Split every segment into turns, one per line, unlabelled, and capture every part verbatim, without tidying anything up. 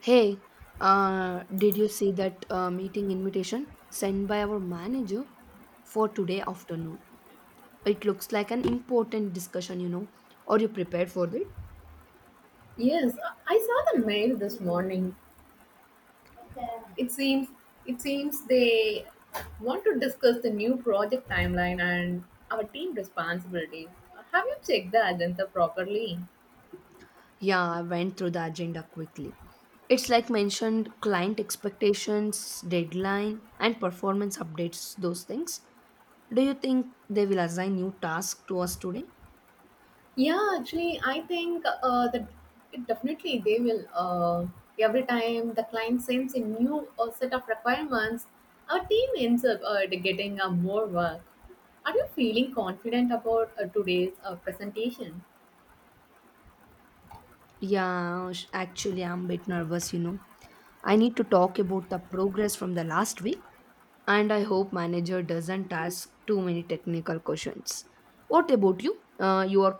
Hey, uh, did you see that uh, meeting invitation sent by our manager for today afternoon? It looks like an important discussion, you know. Are you prepared for it?
Yes, I I saw the mail this morning. It seems it seems they want to discuss the new project timeline and our team responsibilities. Have you checked the agenda properly?
Yeah, I went through the agenda quickly. It's like mentioned client expectations, deadline, and performance updates, those things. Do you think they will assign new tasks to us today?
Yeah, actually, I think uh, that it definitely they will. Uh, every time the client sends a new uh, set of requirements, our team ends up uh, getting uh, more work. Are you feeling confident about uh, today's uh, presentation?
Yeah, sh- actually, I'm a bit nervous, you know. I need to talk about the progress from the last week, and I hope manager doesn't ask too many technical questions. What about you? Uh, you are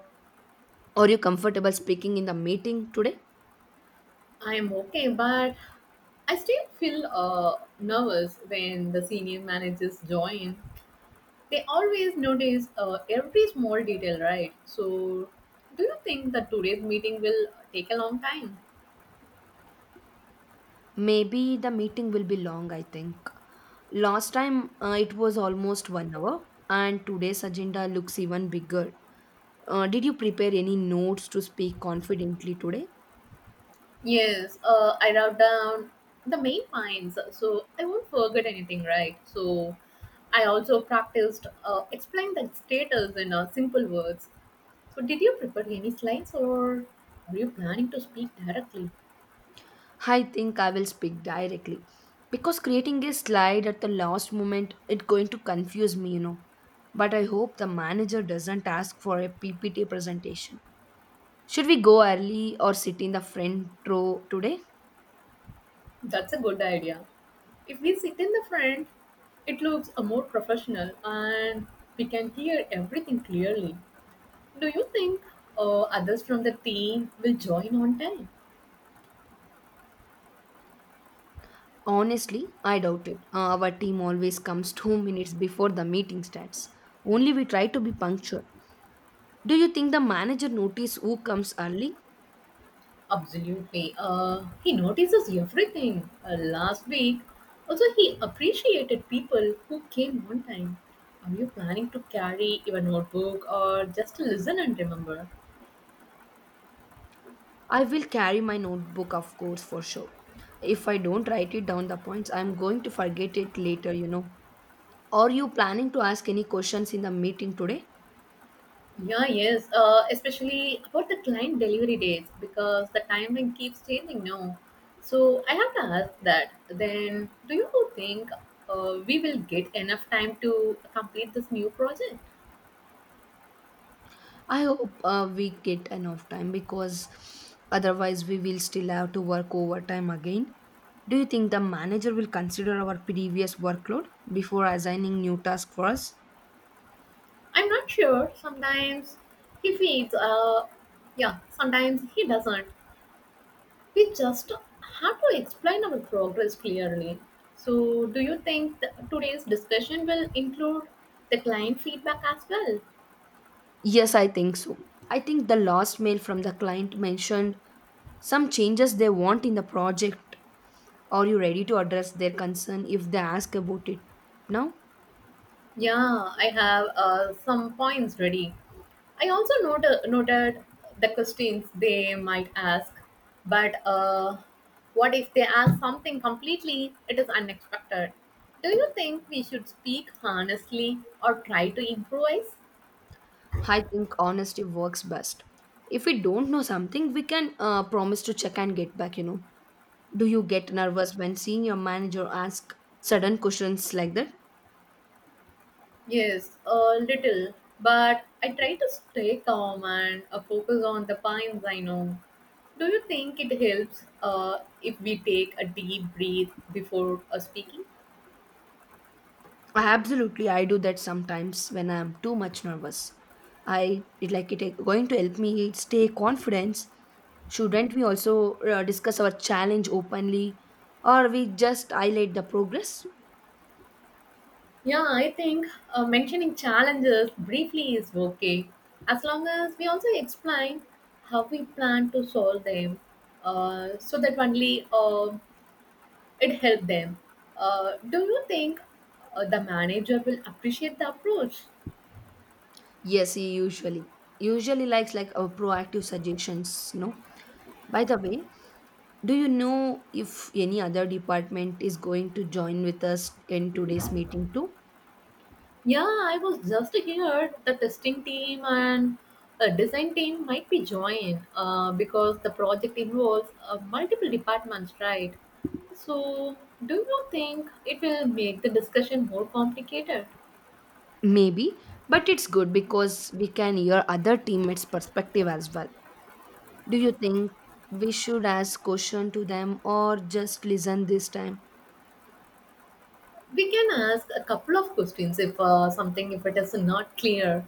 are you comfortable speaking in the meeting today?
I'm okay, but I still feel uh, nervous when the senior managers join. They always notice uh, every small detail, right? So, do you think that today's meeting will take a long time?
Maybe the meeting will be long. I think last time uh, it was almost one hour, and today's agenda looks even bigger. Uh, did you prepare any notes to speak confidently today?
Yes, uh, I wrote down the main points, so I won't forget anything, right? So, I also practiced uh, explain the status in uh, simple words. So, did you prepare any slides or were you planning to speak directly?
I think I will speak directly because creating a slide at the last moment it's going to confuse me, you know. But I hope the manager doesn't ask for a P P T presentation. Should we go early or sit in the front row today?
That's a good idea. If we sit in the front, it looks a more professional and we can hear everything clearly. Do you think uh, others from the team will join on time?
Honestly, I doubt it. Uh, our team always comes two minutes before the meeting starts. Only we try to be punctual. Do you think the manager notice who comes early?
Absolutely. Uh, he notices everything. Uh, last week, also he appreciated people who came on time. Are you planning to carry your notebook or just to listen and remember?
I will carry my notebook, of course, for sure. If I don't write it down the points, I'm going to forget it later, you know. Are you planning to ask any questions in the meeting today?
Yeah, yes, uh, especially about the client delivery dates because the timeline keeps changing now. So I have to ask that then do you think uh, we will get enough time to complete this new project?
I hope uh, we get enough time because otherwise we will still have to work overtime again. Do you think the manager will consider our previous workload before assigning new tasks for us?
I'm not sure. Sometimes he feeds. Uh, yeah, sometimes he doesn't. We just have to explain our progress clearly. So do you think th- today's discussion will include the client feedback as well?
Yes, I think so. I think the last mail from the client mentioned some changes they want in the project. Are you ready to address their concern if they ask about it now?
Yeah, I have uh, some points ready. I also noted, noted the questions they might ask, but uh, what if they ask something completely it is unexpected? Do you think we should speak honestly or try to improvise?
I think honesty works best. If we don't know something, we can uh, promise to check and get back, you know. Do you get nervous when seeing your manager ask sudden questions like that?
Yes, a little, but I try to stay calm and uh, focus on the points I know. Do you think it helps uh, if we take a deep breath before uh, speaking?
Absolutely, I do that sometimes when I am too much nervous. I it like it uh, going to help me stay confidence. Shouldn't we also uh, discuss our challenge openly, or we just highlight the progress?
Yeah, I think uh, mentioning challenges briefly is okay as long as we also explain how we plan to solve them uh, so that only uh, it helps them. Uh, do you think uh, the manager will appreciate the approach?
Yes, he usually usually likes like a proactive suggestions, no? By the way, do you know if any other department is going to join with us in today's meeting too?
Yeah, I was just here. The testing team and a design team might be joined uh, because the project involves uh, multiple departments, right? So, do you think it will make the discussion more complicated?
Maybe, but it's good because we can hear other teammates' perspective as well. Do you think we should ask question to them or just listen this time?
We can ask a couple of questions if uh, something if it is not clear.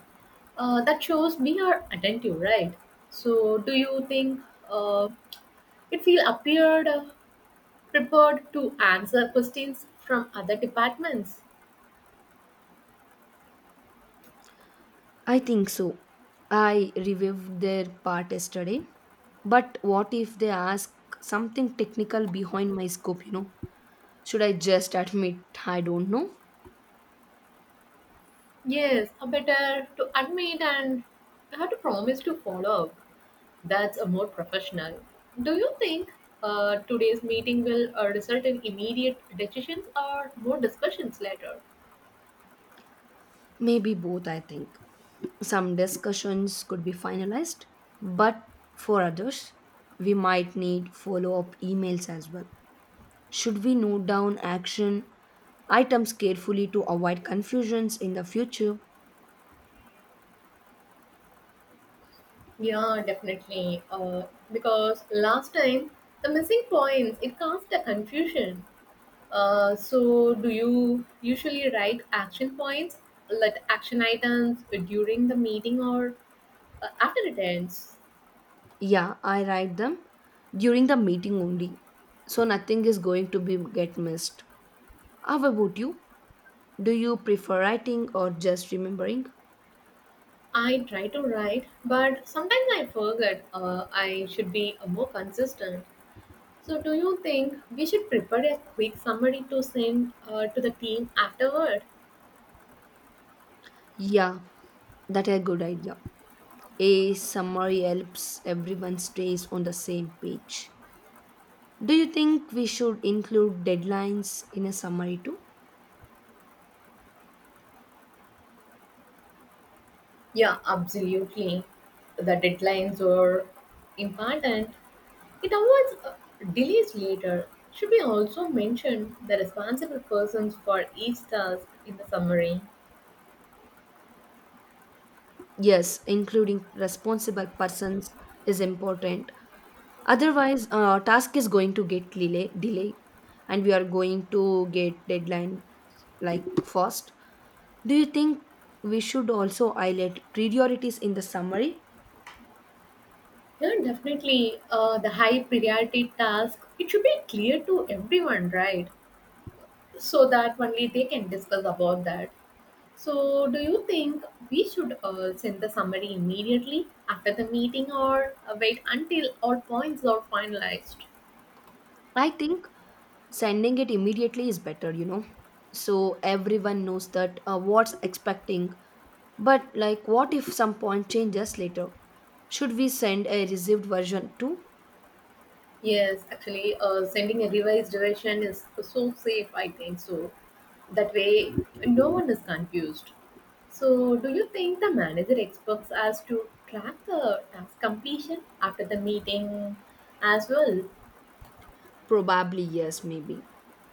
Uh, that shows we are attentive, right? So, do you think uh, it will appeared uh, prepared to answer questions from other departments?
I think so. I reviewed their part yesterday. But what if they ask something technical behind my scope, you know? Should I just admit I don't know?
Yes, a better to admit and have to promise to follow. Up. That's a more professional. Do you think uh, today's meeting will uh, result in immediate decisions or more discussions later?
Maybe both, I think. Some discussions could be finalized, but for others, we might need follow up emails as well. Should we note down action items carefully to avoid confusions in the future?
Yeah, definitely. Uh, because last time the missing points it caused a confusion. Uh, so do you usually write action points, like action items, during the meeting or uh, after it ends?
Yeah, I write them during the meeting only. So nothing is going to be get missed. How about you? Do you prefer writing or just remembering?
I try to write, but sometimes I forget uh, I should be uh, more consistent. So, do you think we should prepare a quick summary to send uh, to the team afterward?
Yeah, that a good idea. A summary helps everyone stays on the same page. Do you think we should include deadlines in a summary too?
Yeah, absolutely. The deadlines are important. It avoids uh, delays later. Should we also mention the responsible persons for each task in the summary?
Yes, including responsible persons is important. Otherwise, uh, task is going to get delay, delay, and we are going to get deadline like fast. Do you think we should also highlight priorities in the summary?
Yeah, definitely. Uh, the high priority task, it should be clear to everyone, right? So that only they can discuss about that. So, do you think we should uh, send the summary immediately after the meeting or uh, wait until all points are finalized?
I think sending it immediately is better, you know, so everyone knows that uh, what's expecting, but like what if some point changes later, should we send a received version too?
Yes, actually, uh, sending a revised version is so safe, I think so. That way, no one is confused. So, do you think the manager expects us to track the task completion after the meeting as well?
Probably yes, maybe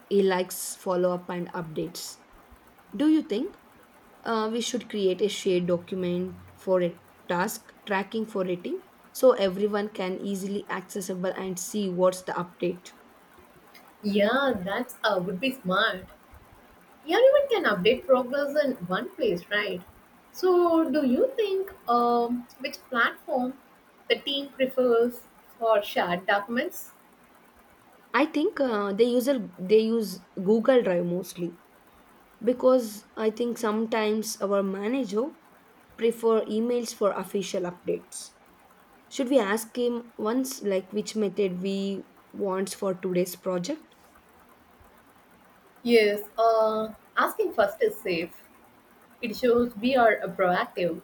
he likes follow up and updates. Do you think uh, we should create a shared document for a task tracking for rating, so everyone can easily accessible and see what's the update?
Yeah, that's uh, would be smart. Everyone can update progress in one place, right? So, do you think um, which platform the team prefers for shared documents?
I think uh, they use a, they use google drive mostly because I think sometimes our manager prefer emails for official updates. Should we ask him once like which method we wants for today's project?
Yes, uh, asking first is safe. It shows we are uh, proactive.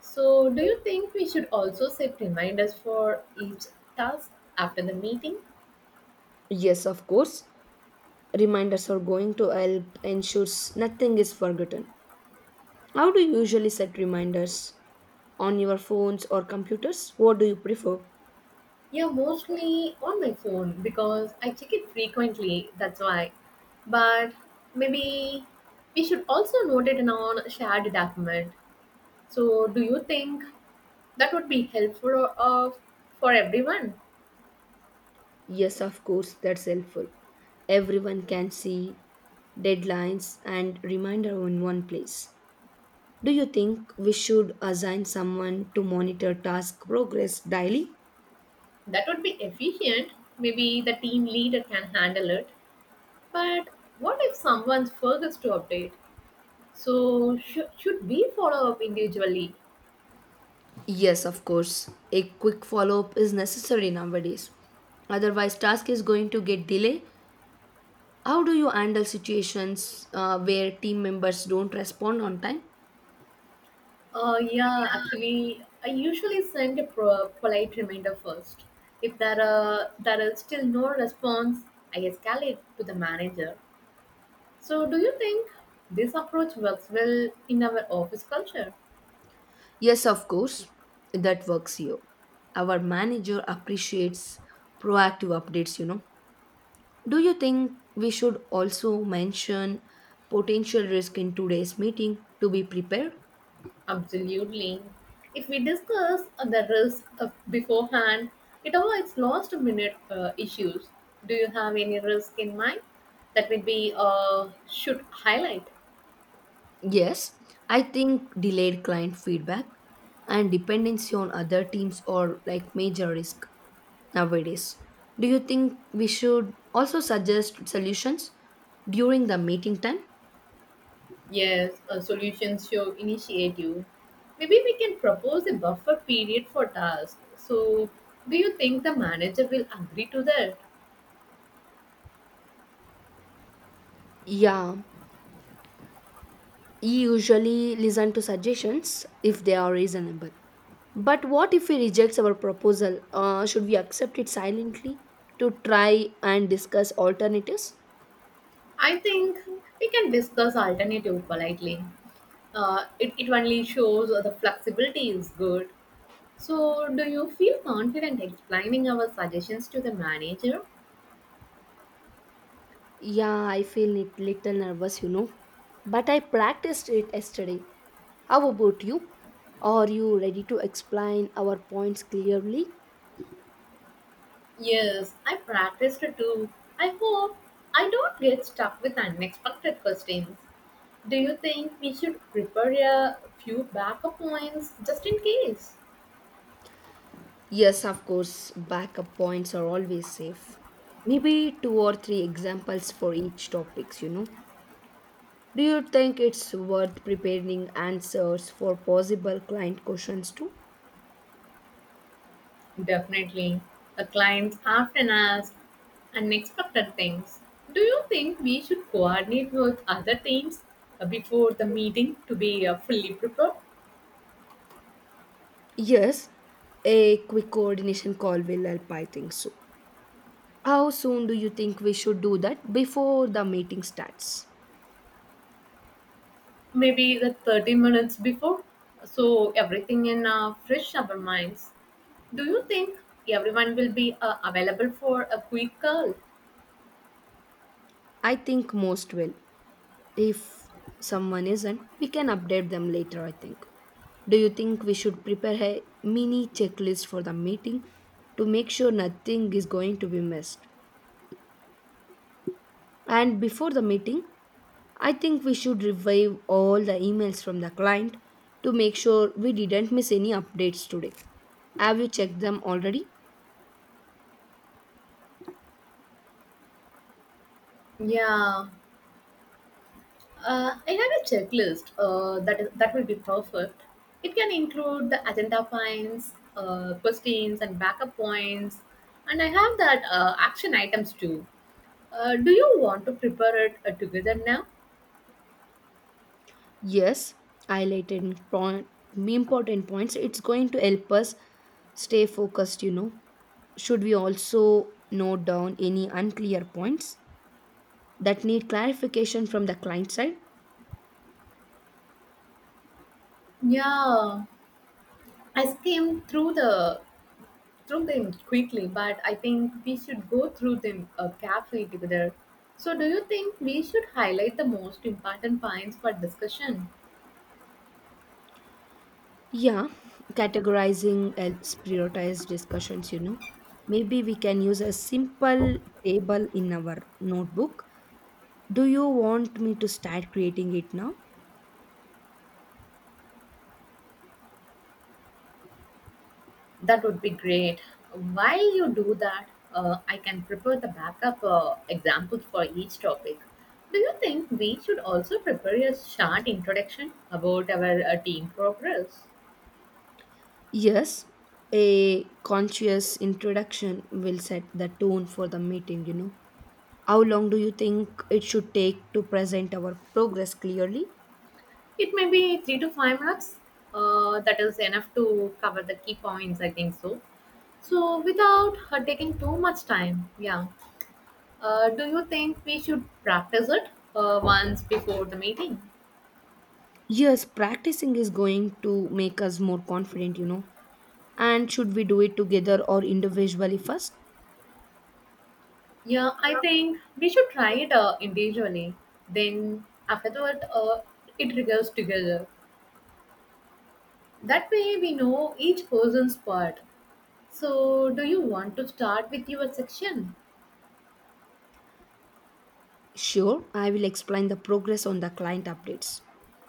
So, do you think we should also set reminders for each task after the meeting?
Yes, of course. Reminders are going to help ensures nothing is forgotten. How do you usually set reminders? On your phones or computers? What do you prefer?
Yeah, mostly on my phone because I check it frequently. That's why. But maybe we should also note it in on shared document. So, do you think that would be helpful of for everyone?
Yes, of course, that's helpful. Everyone can see deadlines and reminder in one place. Do you think we should assign someone to monitor task progress daily?
That would be efficient. Maybe the team leader can handle it. But what if someone forgets to update? So, should should we follow up individually?
Yes, of course. A quick follow up is necessary nowadays. Otherwise, task is going to get delay. How do you handle situations uh, where team members don't respond on time?
Uh, yeah, actually, I usually send a pro- polite reminder first. If there are there is still no response, I escalate to the manager. So, do you think this approach works well in our office culture?
Yes, of course. That works here. Our manager appreciates proactive updates, you know. Do you think we should also mention potential risk in today's meeting to be prepared?
Absolutely. If we discuss uh, the risk of beforehand, it avoids last minute uh, issues. Do you have any risk in mind that would be uh, should highlight?
Yes, I think delayed client feedback and dependency on other teams are like major risk nowadays. Do you think we should also suggest solutions during the meeting time?
Yes, a solution show initiative. Maybe we can propose a buffer period for tasks. So, do you think the manager will agree to that?
Yeah, he usually listen to suggestions if they are reasonable. But what if he rejects our proposal? Uh, should we accept it silently to try and discuss alternatives?
I think we can discuss alternative politely. Uh, it, it only shows the flexibility is good. So, do you feel confident explaining our suggestions to the manager?
Yeah, I feel it little nervous, you know. But I practiced it yesterday. How about you? Are you ready to explain our points clearly?
Yes, I practiced it too. I hope I don't get stuck with unexpected questions. Do you think we should prepare a few backup plans just in case?
Yes, of course, backup points are always safe. Maybe two or three examples for each topics, you know. Do you think it's worth preparing answers for possible client questions too?
Definitely. The clients often ask unexpected things. Do you think we should coordinate with other teams uh, before the meeting to be uh, fully prepared?
Yes, a quick coordination call will help, I think so. How soon do you think we should do that before the meeting starts?
Maybe the thirty minutes before? So everything in uh, fresh our minds. Do you think everyone will be uh, available for a quick call?
I think most will. If someone isn't, we can update them later, I think. Do you think we should prepare a mini checklist for the meeting to make sure nothing is going to be missed? And before the meeting, I think we should revive all the emails from the client to make sure we didn't miss any updates today. Have you checked them already?
Yeah, Uh, I have a checklist uh, that is, that will be perfect. It can include the agenda points, uh, questions, and backup points, and I have that uh, action items too. Uh, do you want to prepare it uh, together now?
Yes, highlighted point, important points. It's going to help us stay focused, you know. Should we also note down any unclear points that need clarification from the client side?
Yeah, I skimmed through the through them quickly, but I think we should go through them uh, carefully together. So, do you think we should highlight the most important points for discussion?
Yeah, categorizing helps prioritize discussions, you know. Maybe we can use a simple table in our notebook. Do you want me to start creating it now?
That would be great. While you do that, uh, I can prepare the backup uh, examples for each topic. Do you think we should also prepare a short introduction about our uh, team progress?
Yes, a conscious introduction will set the tone for the meeting, you know. How long do you think it should take to present our progress clearly?
It may be three to five minutes. Uh, that is enough to cover the key points, I think so. So, without her taking too much time, yeah. Uh, do you think we should practice it uh, once before the meeting?
Yes, practicing is going to make us more confident, you know. And should we do it together or individually first?
Yeah, I think we should try it uh, individually. Then afterward, uh, it goes together. That way, we know each person's part. So, do you want to start with your section?
Sure, I will explain the progress on the client updates.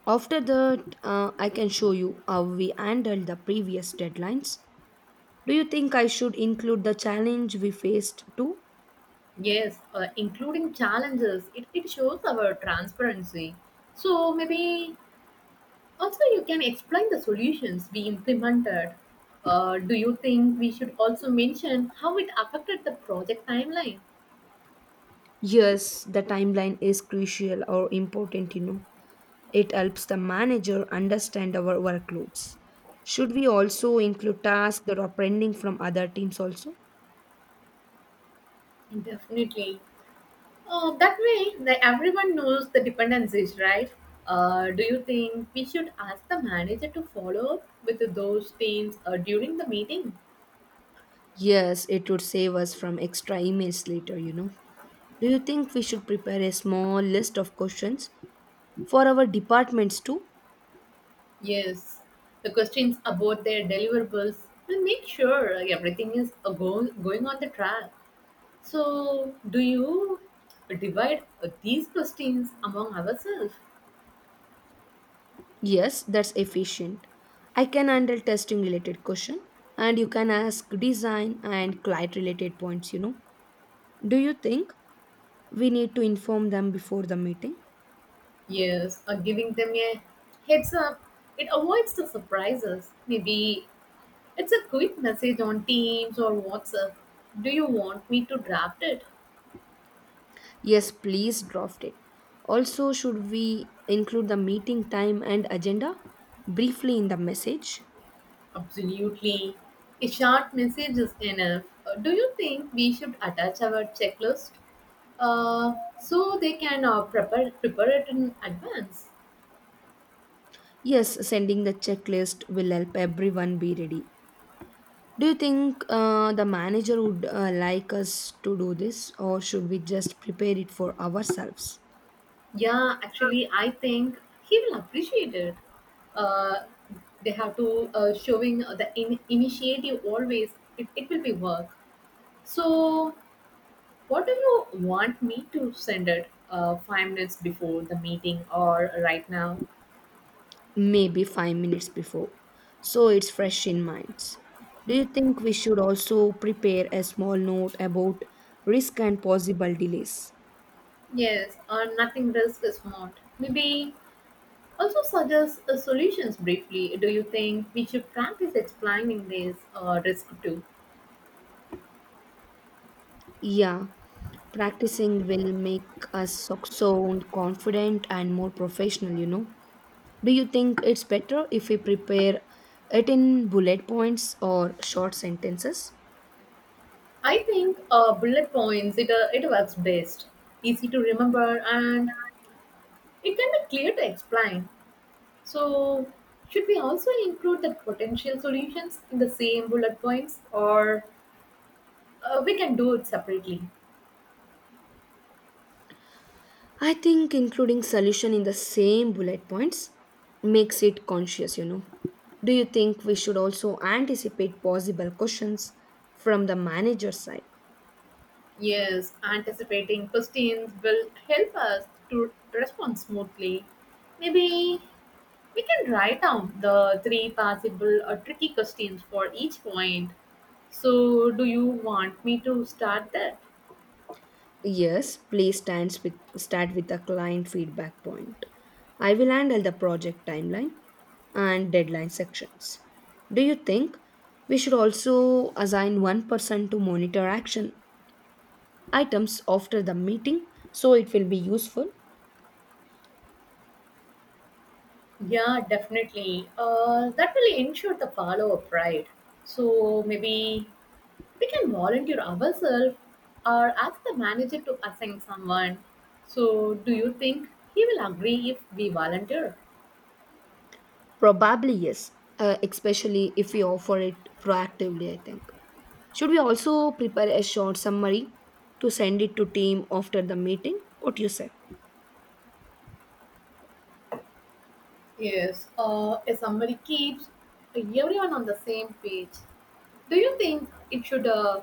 After that, uh, I can show you how we handled the previous deadlines. Do you think I should include the challenge we faced too?
Yes, uh, including challenges. It, it shows our transparency. So, maybe also you can explain the solutions we implemented. Uh, do you think we should also mention how it affected the project timeline?
Yes, the timeline is crucial or important, you know. It helps the manager understand our workloads. Should we also include tasks that are pending from other teams also?
Definitely. Uh, that way, that everyone knows the dependencies, right? Uh, do you think we should ask the manager to follow up with those teams uh, during the meeting?
Yes, it would save us from extra emails later, you know. Do you think we should prepare a small list of questions for our departments too?
Yes, the questions about their deliverables will make sure everything is uh, go- going on the track. So, do you divide uh, these questions among ourselves?
Yes, that's efficient. I can handle testing related question and you can ask design and client related points, you know. Do you think we need to inform them before the meeting.
Yes, or giving them a heads up. It avoids the surprises. Maybe it's a quick message on Teams or WhatsApp. Do you want me to draft it?
Yes, please draft it. Also, should we include the meeting time and agenda briefly in the message?
Absolutely. A short message is enough. Uh, Do you think we should attach our checklist uh, so they can uh, prepare, prepare it in advance?
Yes, sending the checklist will help everyone be ready. Do you think uh, the manager would uh, like us to do this, or should we just prepare it for ourselves?
Yeah, actually, I think he will appreciate it. Uh, they have to uh, showing the in- initiative always. It, it will be work. So what do you want me to send it? Uh, five minutes before the meeting or right now?
Maybe five minutes before, so it's fresh in minds. Do you think we should also prepare a small note about risk and possible delays?
Yes, or nothing risk is not. Maybe also suggest uh, solutions briefly. Do you think we should practice explaining this uh, risk too?
Yeah, practicing will make us so- sound confident and more professional, you know. Do you think it's better if we prepare it in bullet points or short sentences?
I think uh, bullet points it uh, it works best. Easy to remember and it can be clear to explain. So, should we also include the potential solutions in the same bullet points or uh, we can do it separately?
I think including solution in the same bullet points makes it conscious, you know. Do you think we should also anticipate possible questions from the manager side?
Yes, anticipating questions will help us to respond smoothly. Maybe we can write down the three possible or tricky questions for each point. So, do you want me to start that?
Yes, please stand with, start with the client feedback point. I will handle the project timeline and deadline sections. Do you think we should also assign one person to monitor action items after the meeting so it will be useful?
Yeah, definitely. Uh, that will ensure the follow up, right? So, maybe we can volunteer ourselves or ask the manager to assign someone. So, do you think he will agree if we volunteer?
Probably yes, uh, especially if we offer it proactively, I think. Should we also prepare a short summary to send it to team after the meeting? What do you say?
Yes, uh, a summary keeps everyone on the same page. Do you think it should uh,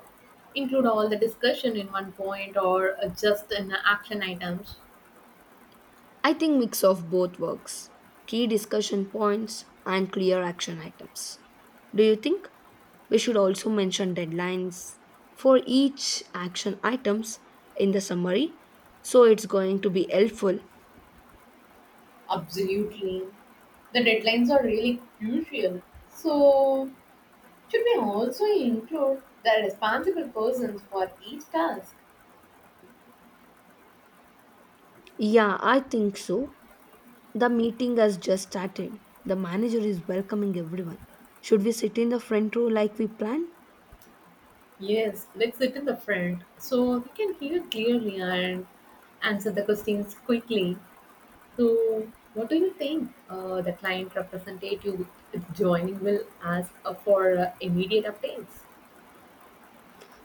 include all the discussion in one point or uh, just in the action items?
I think mix of both works. Key discussion points and clear action items. Do you think we should also mention deadlines for each action items in the summary so it's going to be helpful?
Absolutely. The deadlines are really crucial. So, should we also include the responsible persons for each task?
Yeah, I think so. The meeting has just started. The manager is welcoming everyone. Should we sit in the front row like we planned?
Yes, let's sit in the front so we can hear clearly and answer the questions quickly. So, what do you think uh, the client representative joining will ask uh, for uh, immediate updates?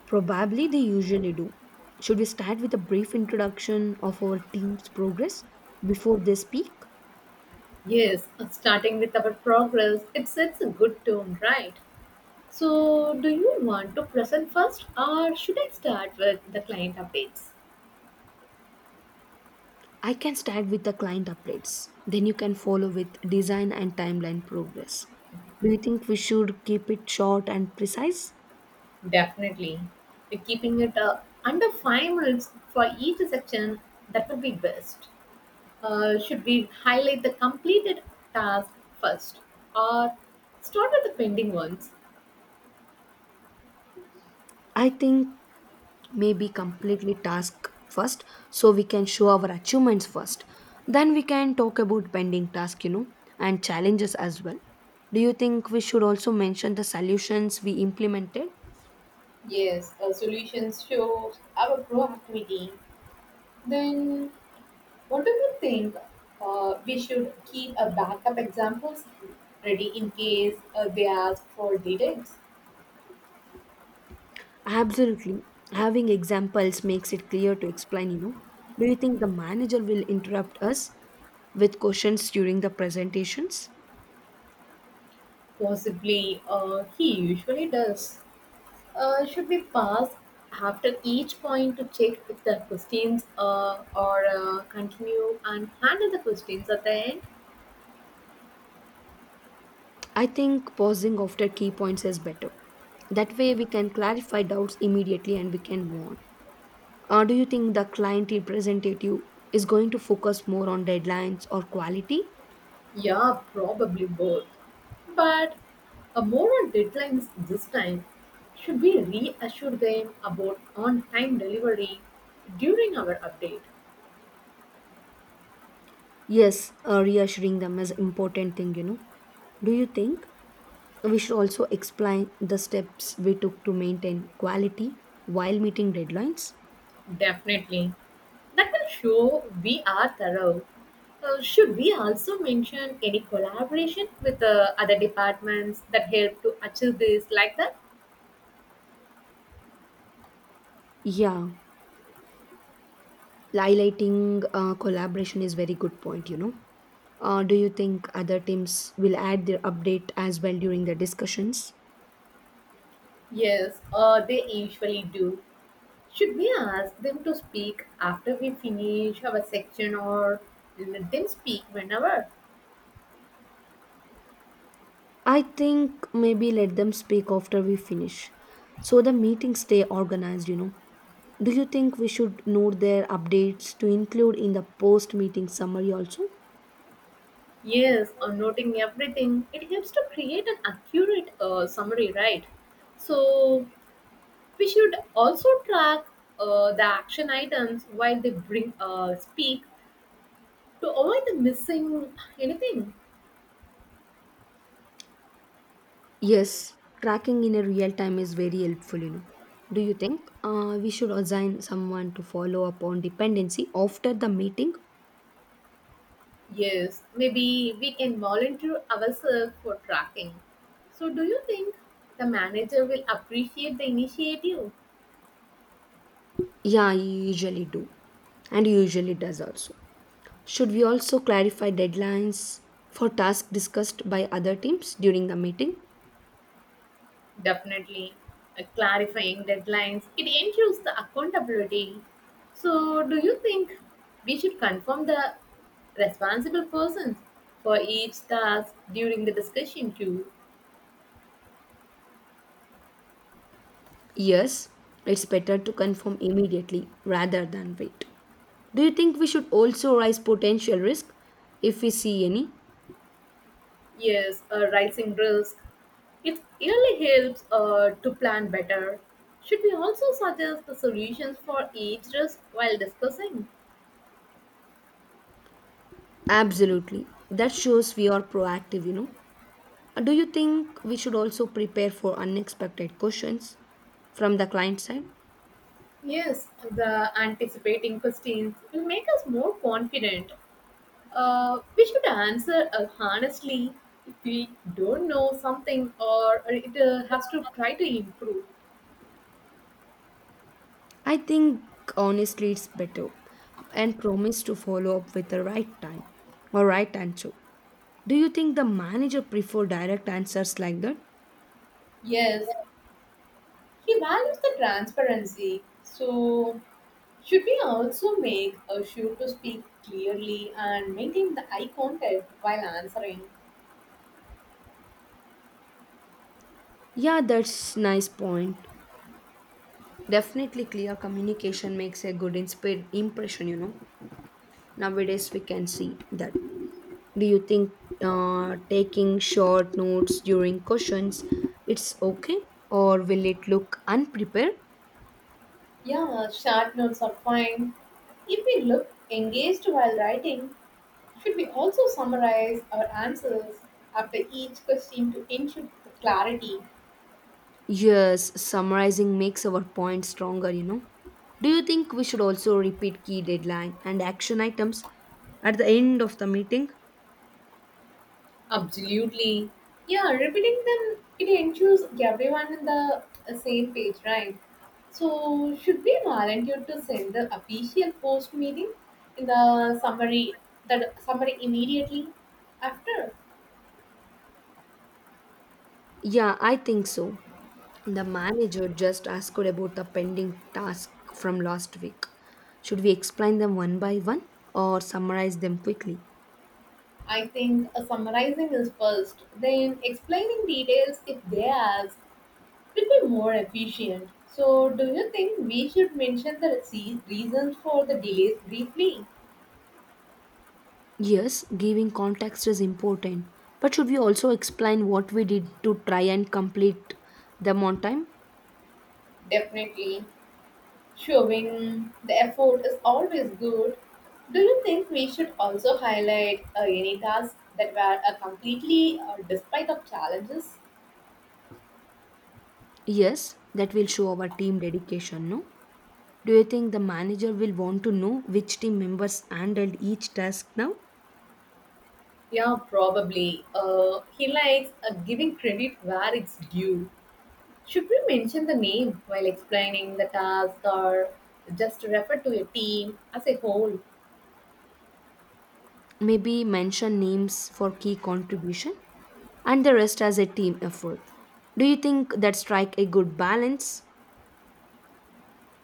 Probably they usually do. Should we start with a brief introduction of our team's progress before they speak?
Yes, uh, starting with our progress, it sets a good tone, right? So, do you want to present first or should I start with the client updates?
I can start with the client updates. Then you can follow with design and timeline progress. Do you think we should keep it short and precise?
Definitely. We're keeping it uh, under five minutes for each section, that would be best. Uh, should we highlight the completed task first or start with the pending ones?
I think maybe completely task first, so we can show our achievements first, then we can talk about pending task you know and challenges as well. Do you think we should also mention the solutions we implemented?
Yes, uh, solutions shows our proactivity. Then, what do you think? Uh, we should keep a backup examples ready in case uh, they ask for details.
Absolutely, having examples makes it clear to explain you know Do you think the manager will interrupt us with questions during the presentations?
Possibly, uh, he usually does. Uh, should we pause after each point to check if the questions uh, or uh, continue and handle the questions at the end?
I think pausing after key points is better. That way we can clarify doubts immediately and we can move on. Uh, do you think the client representative is going to focus more on deadlines or quality?
Yeah, probably both. But a more on deadlines this time. Should we reassure them about on time delivery during our update?
Yes, uh, reassuring them is important thing, you know. Do you think we should also explain the steps we took to maintain quality while meeting deadlines?
Definitely. That will show we are thorough. Uh, should we also mention any collaboration with uh, other departments that help to achieve this like that?
Yeah, highlighting uh, collaboration is very good point, you know. Uh, do you think other teams will add their update as well during the discussions?
Yes, uh, they usually do. Should we ask them to speak after we finish our section or let them speak whenever?
I think maybe let them speak after we finish so the meetings stay organized, you know. Do you think we should note their updates to include in the post meeting summary also?
Yes, or noting everything. It helps to create an accurate uh, summary, right? So we should also track uh, the action items while they bring uh, speak to avoid the missing anything.
Yes, tracking in a real time is very helpful, you know. Do you think uh, we should assign someone to follow up on dependency after the meeting?
Yes, maybe we can volunteer ourselves for tracking. So do you think the manager will appreciate the initiative?
Yeah, you usually do, and you usually does also. Should we also clarify deadlines for tasks discussed by other teams during the meeting?
Definitely. Uh, clarifying deadlines, it ensures the accountability. So, do you think we should confirm the responsible persons for each task during the discussion too?
Yes, it's better to confirm immediately rather than wait. Do you think we should also raise potential risk if we see any?
Yes, a rising risk. It really helps uh, to plan better. Should we also suggest the solutions for each risk while discussing?
Absolutely. That shows we are proactive, you know. Uh, Do you think we should also prepare for unexpected questions from the client side?
Yes, the anticipating questions will make us more confident. Uh, we should answer uh, honestly. If we don't know something or it uh, has to try to improve.
I think honestly it's better, and promise to follow up with the right time or right answer. Do you think the manager prefer direct answers like that?
Yes, he values the transparency. So, should we also make a sure to speak clearly and maintain the eye contact while answering?
Yeah, that's nice point. Definitely, clear communication makes a good insp- impression, you know. Nowadays, we can see that. Do you think uh, taking short notes during questions, it's okay or will it look unprepared?
Yeah, short notes are fine. If we look engaged while writing, should we also summarize our answers after each question to ensure clarity?
Yes, summarizing makes our point stronger, you know. Do you think we should also repeat key deadline and action items at the end of the meeting?
Absolutely. Yeah, repeating them, it ensures everyone in the uh, same page, right? So, should we volunteer to send the official post meeting in the summary, that summary immediately after?
Yeah, I think so. The manager just asked about the pending task from last week. Should we explain them one by one or summarize them quickly?
I think uh, summarizing is first, then explaining details if they ask will be more efficient. So, do you think we should mention the rece- reasons for the delays briefly?
Yes, giving context is important, but should we also explain what we did to try and complete them on time?
Definitely. Showing the effort is always good. Do you think we should also highlight uh, any tasks that were uh, completely uh, despite of challenges?
Yes, that will show our team dedication, no? Do you think the manager will want to know which team members handled each task now?
Yeah, probably. Uh, he likes uh, giving credit where it's due. Should we mention the name while explaining the task or just refer to a team as a whole?
Maybe mention names for key contribution and the rest as a team effort. Do you think that strike a good balance?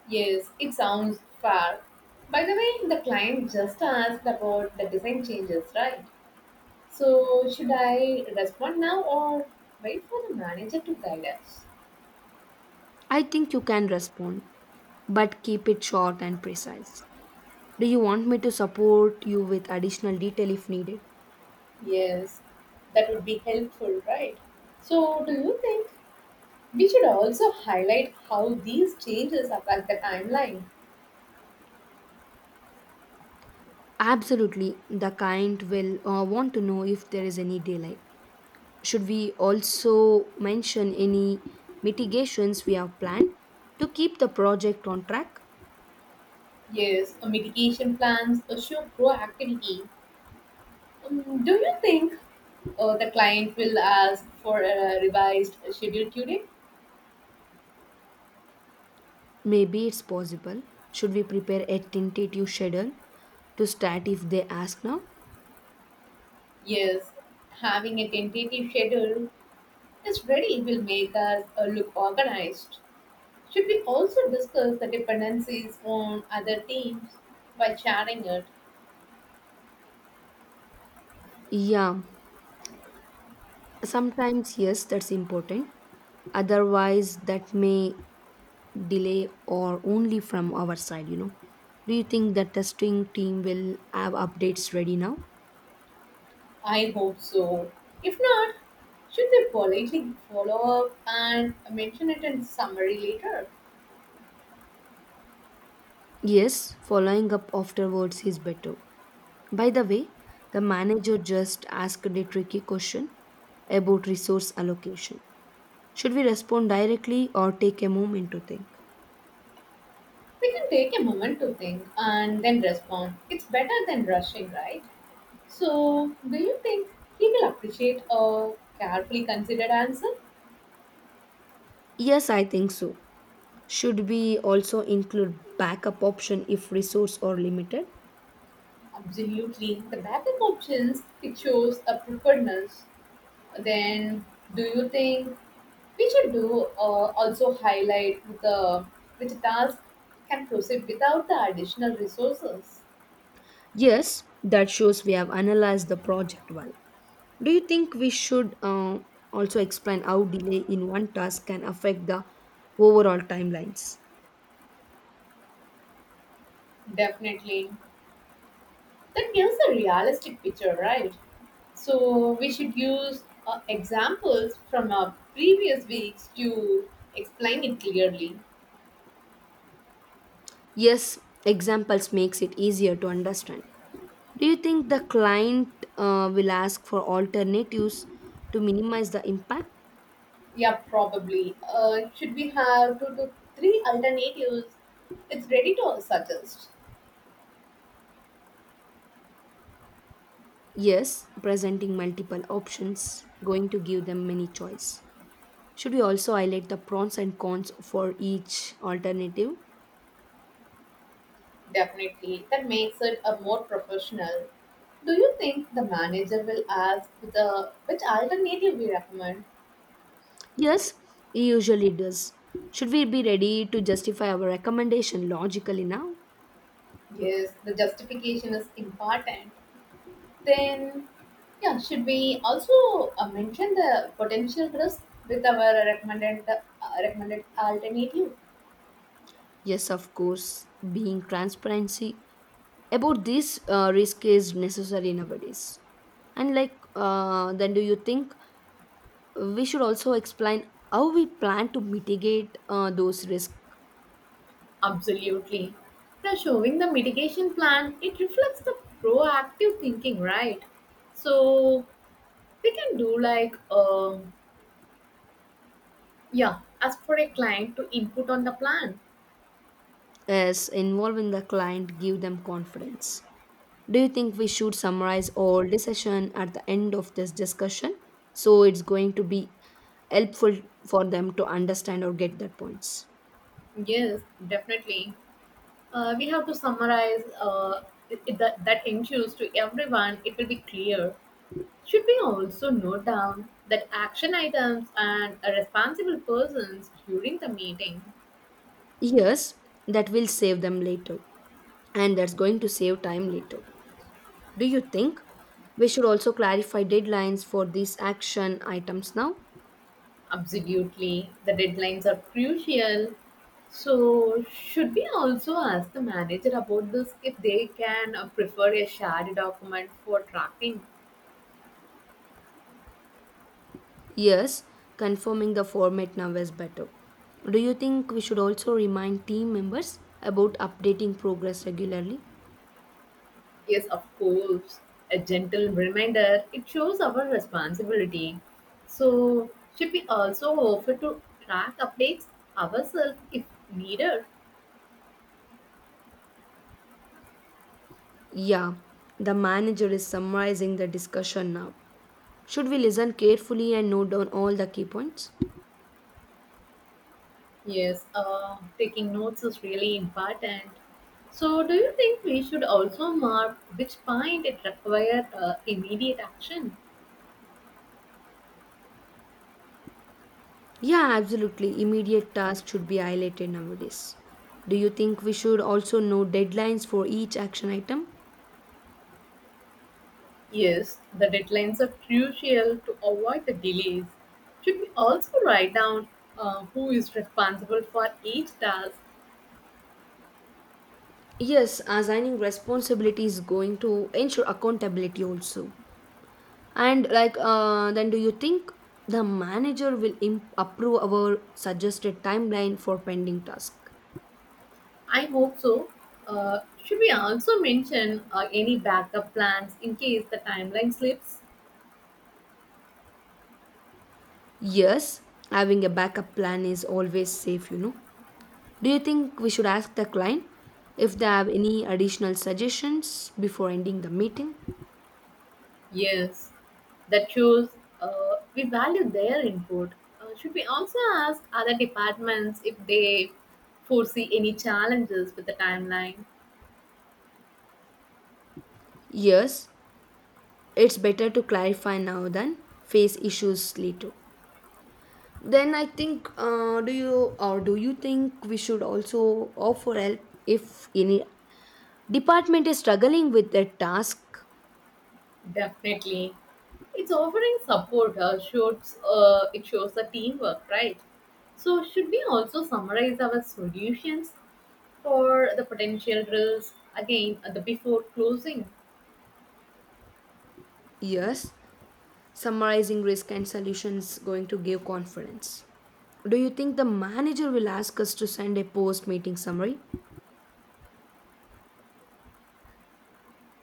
Yes, it sounds fair. By the way, the client just asked about the design changes, right? So, should I respond now or wait for the manager to guide us?
I think you can respond, but keep it short and precise. Do you want me to support you with additional detail if needed?
Yes, that would be helpful, right? So, do you think we should also highlight how these changes affect the timeline?
Absolutely, the client will uh, want to know if there is any delay. Should we also mention any mitigations we have planned to keep the project on track?
Yes, uh, mitigation plans uh, show proactivity. Um, do you think uh, the client will ask for a revised schedule today?
Maybe it's possible. Should we prepare a tentative schedule to start if they ask now?
Yes, having a tentative schedule is ready will make us uh, look organized. Should we also discuss the dependencies on other teams by sharing it?
Yeah, sometimes, yes, that's important. Otherwise, that may delay or only from our side, you know. Do you think that testing team will have updates ready now?
I hope so. If not, should we politely follow up and mention it in summary later?
Yes, following up afterwards is better. By the way, the manager just asked a tricky question about resource allocation. Should we respond directly or take a moment to think?
We can take a moment to think and then respond. It's better than rushing, right? So, do you think he will appreciate a carefully considered answer?
Yes, I think so. Should we also include backup option if resource are limited?
Absolutely. The backup options, it shows a preparedness. Then, do you think we should do uh, also highlight the which task can proceed without the additional resources.
Yes, that shows we have analyzed the project well. Do you think we should uh, also explain how delay in one task can affect the overall timelines?
Definitely, that gives a realistic picture, right? So we should use uh, examples from our previous weeks to explain it clearly.
Yes, examples makes it easier to understand. Do you think the client uh, will ask for alternatives to minimize the impact?
Yeah, probably. Uh, should we have two to three alternatives? It's ready to suggest.
Yes, presenting multiple options going to give them many choice. Should we also highlight the pros and cons for each alternative?
Definitely, that makes it a more professional. Do you think the manager will ask the which alternative we recommend?
Yes, he usually does. Should we be ready to justify our recommendation logically now?
Yes, the justification is important. Then, yeah, should we also uh, mention the potential risk with our recommended uh, recommended alternative?
Yes, of course, being transparency about this uh, risk is necessary nowadays. And like, uh, then do you think we should also explain how we plan to mitigate uh, those risks
Absolutely. Now, showing the mitigation plan, it reflects the proactive thinking, right? So we can do like um yeah, as for a client to input on the plan,
as involving the client, give them confidence? Do you think we should summarize all the session at the end of this discussion? So it's going to be helpful for them to understand or get that points.
yes, definitely. Uh, we have to summarize uh, it, it- that, that ensures to everyone it will be clear. Should we also note down that action items and uh, responsible persons during the meeting?
Yes, that will save them later, and that's going to save time later. Do you think we should also clarify deadlines for these action items now?
Absolutely, the deadlines are crucial. So, should we also ask the manager about this if they can uh, prefer a shared document for tracking.
Yes, confirming the format now is better. Do you think we should also remind team members about updating progress regularly?
Yes, of course. A gentle reminder, it shows our responsibility. So, should we also offer to track updates ourselves if needed?
Yeah, the manager is summarizing the discussion now. Should we listen carefully and note down all the key points?
Yes, uh, taking notes is really important. So, do you think we should also mark which point it requires uh, immediate action?
Yeah, absolutely. Immediate tasks should be highlighted nowadays. Do you think we should also know deadlines for each action item?
Yes, the deadlines are crucial to avoid the delays. Should we also write down uh, who is responsible for each task?
Yes, assigning responsibility is going to ensure accountability also. And like, uh, then do you think the manager will imp- approve our suggested timeline for pending task?
I hope so. Uh, should we also mention uh, any backup plans in case the timeline slips?
Yes, having a backup plan is always safe, you know. Do you think we should ask the client if they have any additional suggestions before ending the meeting?
Yes, that shows uh, we value their input. Uh, should we also ask other departments if they foresee any challenges with the timeline?
Yes, it's better to clarify now than face issues later. Then I think, uh, do you or do you think we should also offer help if any department is struggling with their task?
Definitely. It's offering support, uh, shows, uh, it shows the teamwork, right? So, should we also summarize our solutions for the potential drills again, uh, the before closing.
Yes, summarizing risk and solutions going to give confidence. Do you think the manager will ask us to send a post meeting summary?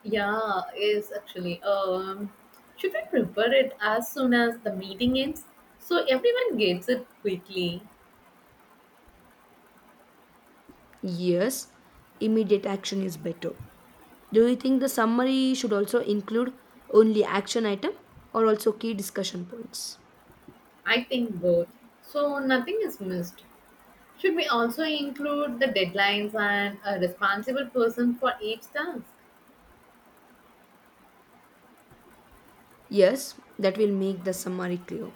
Yeah, is actually, um should we prepare it as soon as the meeting ends so everyone gets it quickly?
Yes, immediate action is better. Do you think the summary should also include only action item or also key discussion points?
I think both, so nothing is missed. Should we also include the deadlines and a responsible person for each task?
Yes, that will make the summary clear.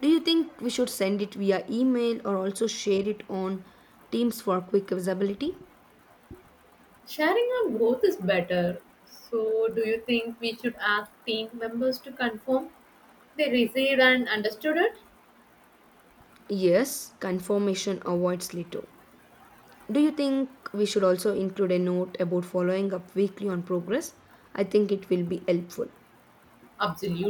Do you think we should send it via email or also share it on Teams for quick visibility?
Sharing on both is better. So, do you think we should ask team members to confirm they received and understood it?
Yes, confirmation avoids later. Do you think we should also include a note about following up weekly on progress? I think it will be helpful.
Absolutely.